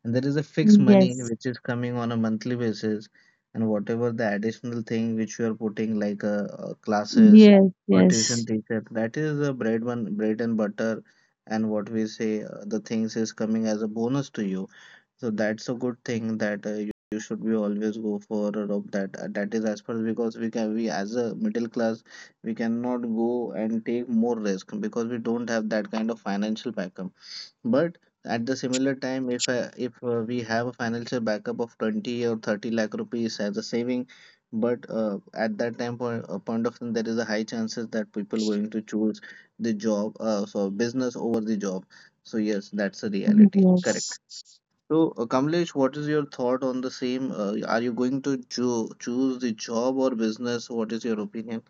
And there is a fixed money
Yes,
which is coming on a monthly basis. And whatever the additional thing which you are putting, like classes
yes,
or tuition
yes,
teacher, that is the bread, one, bread and butter. And what we say, the things is coming as a bonus to you. So that's a good thing that you should be always go for a rope that that is as per, because we can, we as a middle class, we cannot go and take more risk because we don't have that kind of financial backup. But at the similar time, if we have a financial backup of 20 or 30 lakh rupees as a saving, but at that time point, point of time, there is a high chances that people going to choose the job so business over the job. So yes, that's a reality.
yes,
Correct. So, Kamlesh, what is your thought on the same? Are you going to choose the job or business? What is your opinion?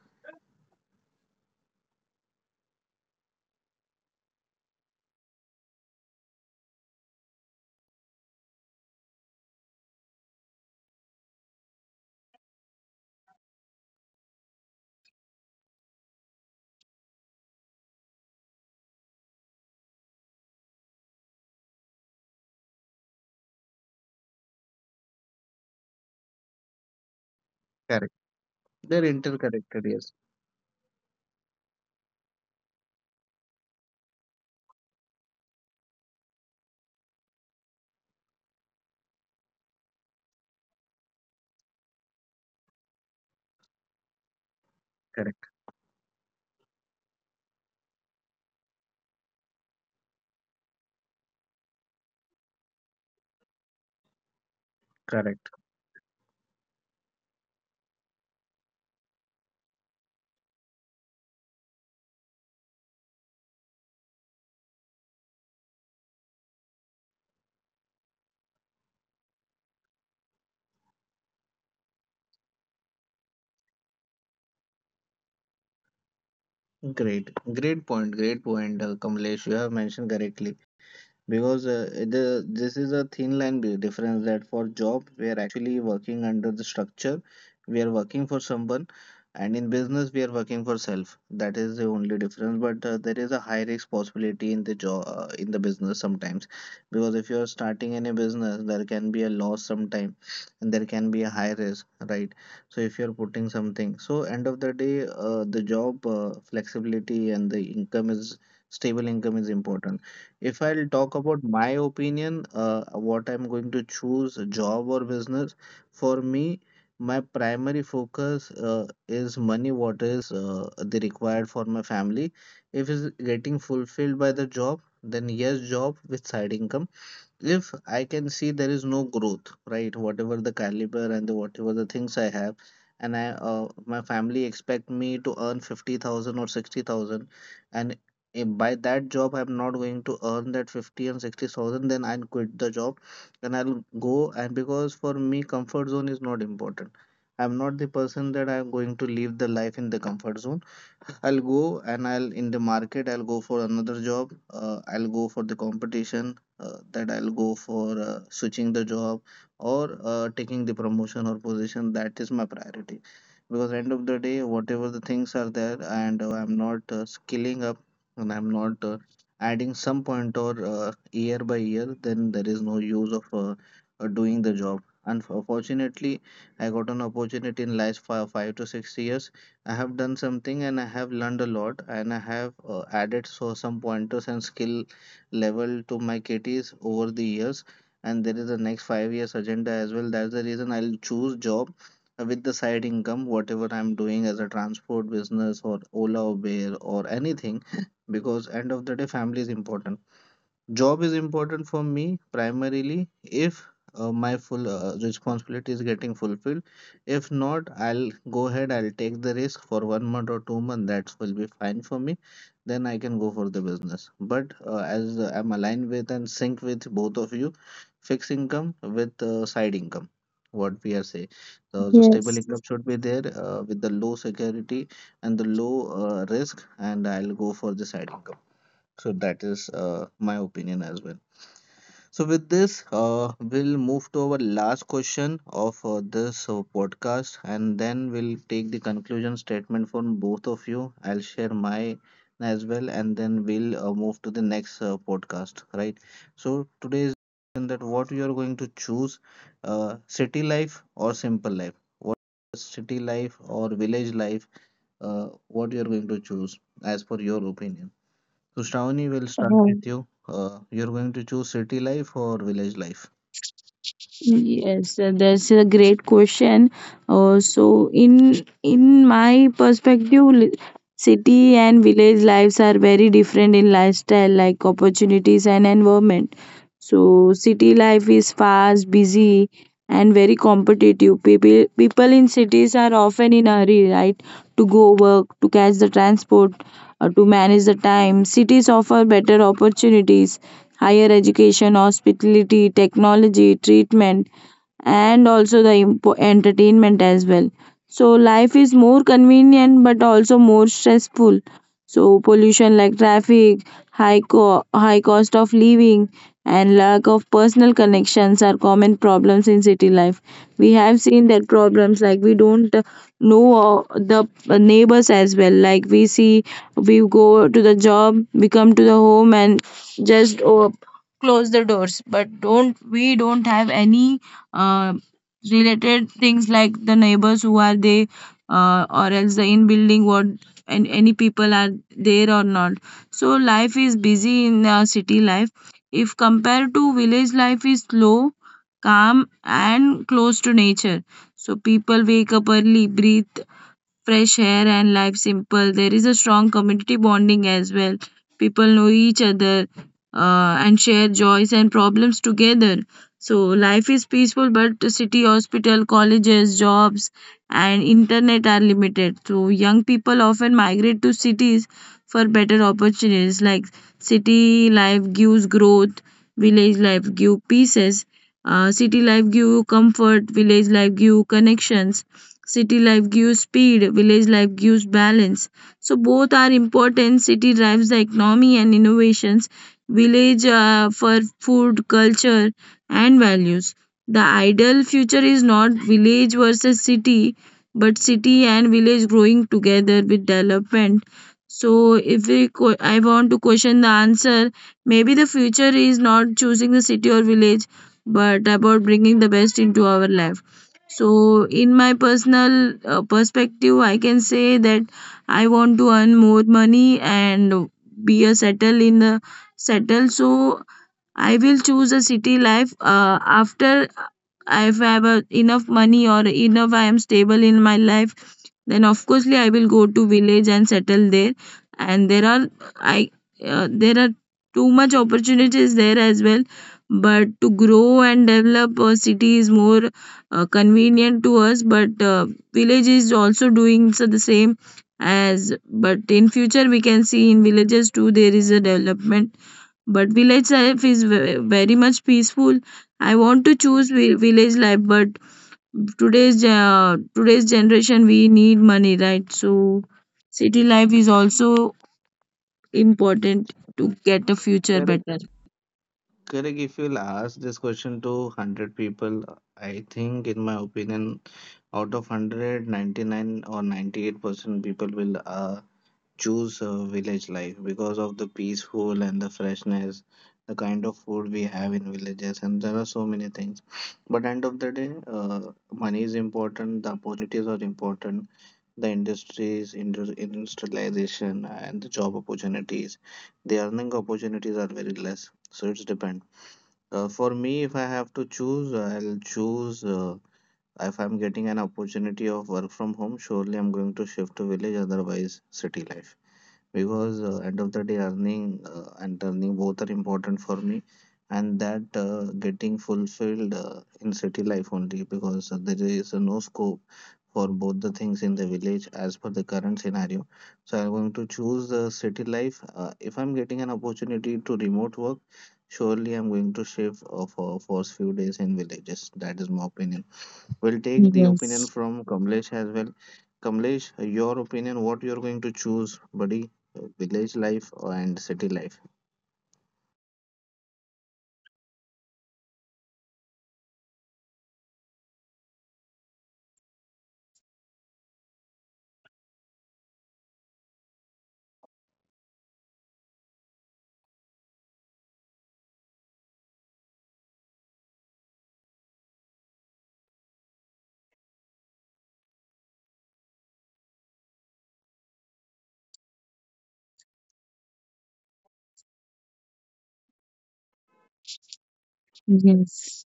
Correct. They're interconnected, yes. Correct, correct. Great, great point, Kamlesh. You have mentioned correctly, because the, this is a thin line difference, that for job we are actually working under the structure, we are working for someone, and in business we are working for self. That is the only difference. But there is a high risk possibility in the job in the business sometimes, because if you are starting any business there can be a loss sometime and there can be a high risk, right? So if you are putting something, so end of the day, the job flexibility and the income is stable income is important. If I'll talk about my opinion, what I'm going to choose, job or business, for me, my primary focus is money, what is the required for my family. If it's getting fulfilled by the job, then yes, job with side income. If I can see there is no growth, right? Whatever the caliber and the whatever the things I have, and I my family expect me to earn 50,000 or 60,000, and if by that job I'm not going to earn that 50 and 60,000, then I'll quit the job and I'll go. And because for me, comfort zone is not important. I'm not the person that I'm going to leave the life in the comfort zone. I'll go and I'll in the market, I'll go for another job. I'll go for the competition that I'll go for switching the job or taking the promotion or position. That is my priority because end of the day, whatever the things are there, and I'm not skilling up and I'm not adding some point or year by year, then there is no use of doing the job. Unfortunately, I got an opportunity in last 5 to 6 years. I have done something and I have learned a lot and I have added some pointers and skill level to my kitties over the years, and there is a next 5 years agenda as well. That's the reason I'll choose job with the side income, whatever I'm doing as a transport business or Ola or Bear or anything because end of the day family is important. Job is important for me primarily if my full responsibility is getting fulfilled. If not, I'll go ahead, I'll take the risk for 1 month or 2 months. That will be fine for me. Then I can go for the business. But as I'm aligned with and sync with both of you, fixed income with side income, what we are saying. So, the stable
yes.
income should be there with the low security and the low risk, and I'll go for the side income. So that is my opinion as well. So with this, we'll move to our last question of this podcast, and then we'll take the conclusion statement from both of you. I'll share my as well, and then we'll move to the next podcast. Right. So today's question, that what you are going to choose, city life or simple life? What is city life or village life? What you are going to choose as per your opinion? So Shravani, will start
Uh,
with you. You're going to choose city life or village life?
Yes, that's a great question. So, in my perspective, city and village lives are very different in lifestyle, like opportunities and environment. So city life is fast, busy, and very competitive. People in cities are often in a hurry, right? To go work, to catch the transport, to manage the time. Cities offer better opportunities, higher education, hospitality, technology, treatment, and also the entertainment as well. So life is more convenient but also more stressful. So pollution like traffic, high cost of living, and lack of personal connections are common problems in city life. We have seen that problems like we don't know the neighbors as well. Like we see, we go to the job, we come to the home, and just close the doors. But don't we don't have any uh, related things like the neighbors who are they, or else the in building what and any people are there or not. So life is busy in city life. If compared to village life is slow, calm, and close to nature. So people wake up early, breathe fresh air, and life simple. There is a strong community bonding as well. People know each other and share joys and problems together. So life is peaceful, but the city, hospital, colleges, jobs, and internet are limited. So young people often migrate to cities for better opportunities. Like city life gives growth, village life gives pieces. City life give you comfort, village life give you connections, city life gives speed, village life gives balance. So both are important. City drives the economy and innovations, village for food, culture, and values. The ideal future is not village versus city, but city and village growing together with development. So if we I want to question the answer, maybe the future is not choosing the city or village, but about bringing the best into our life. So, in my personal perspective, I can say that I want to earn more money and be a settle in the settle. So, I will choose a city life after if I have a, enough money or enough I am stable in my life, then of coursely I will go to village and settle there. And there are I there are too much opportunities there as well, but to grow and develop a city is more convenient to us, but village is also doing so the same as. But in future we can see in villages too there is a development, but village life is very much peaceful. I want to choose village life, but today's today's generation we need money, right? So city life is also important to get a future
Correct.
better.
Correct. If you'll ask this question to 100 people, I think, in my opinion, out of 199 or 98% people will choose village life because of the peaceful and the freshness, the kind of food we have in villages, and there are so many things. But end of the day, money is important, the opportunities are important, the industries, industrialization, and the job opportunities. The earning opportunities are very less, so it's depend. For me, if I have to choose, I'll choose. If I'm getting an opportunity of work from home, surely I'm going to shift to village, otherwise city life, because end of the day earning and earning both are important for me, and that getting fulfilled in city life only because there is no scope for both the things in the village as per the current scenario. So I'm going to choose the city life. If I'm getting an opportunity to remote work, surely I'm going to shift for first few days in villages. That is my opinion. We'll take the opinion
Yes,
from Kamlesh as well. Kamlesh, your opinion, what you're going to choose, buddy? Village life and city life?
yes,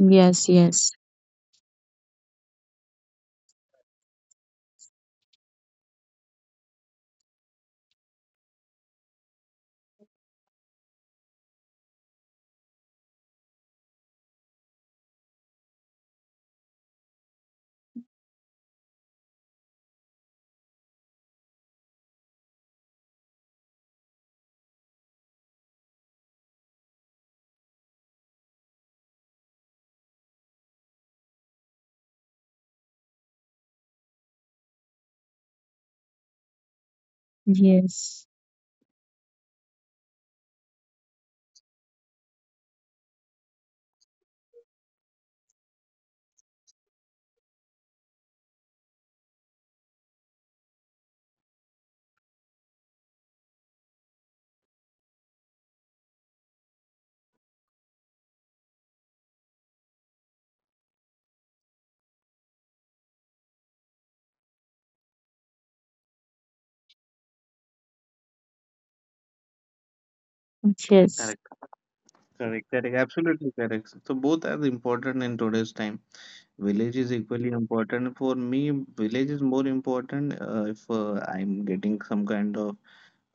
yes, yes, yes, yes.
Correct, correct, correct. Absolutely correct. So both are important in today's time. Village is equally important for me. Village is more important if I'm getting some kind of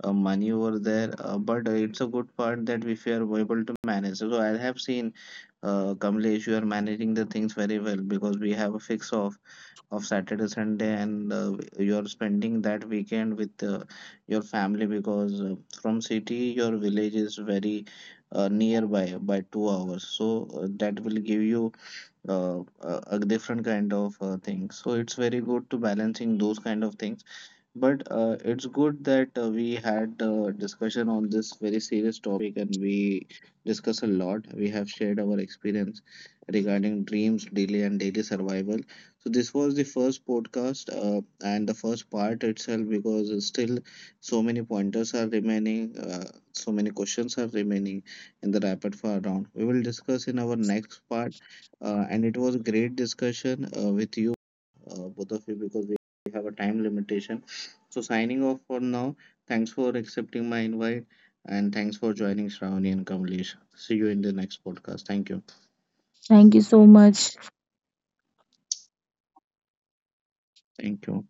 money over there. But it's a good part that if you are able to manage. So I have seen, Kamlesh, you are managing the things very well, because we have a fix off of Saturday, Sunday, and you're spending that weekend with your family because from city your village is very nearby by 2 hours. So that will give you a different kind of thing. So it's very good to balancing those kind of things. But it's good that we had a discussion on this very serious topic and we discuss a lot. We have shared our experience regarding dreams, daily, and daily survival. So, this was the first podcast and the first part itself, because still so many pointers are remaining, so many questions are remaining in the rapid fire round. We will discuss in our next part. And it was a great discussion with you, both of you. Because we have a time limitation, so signing off for now. Thanks for accepting my invite and thanks for joining, Shravani and Kamlesh. See you in the next podcast. Thank you.
Thank you so much.
Thank you.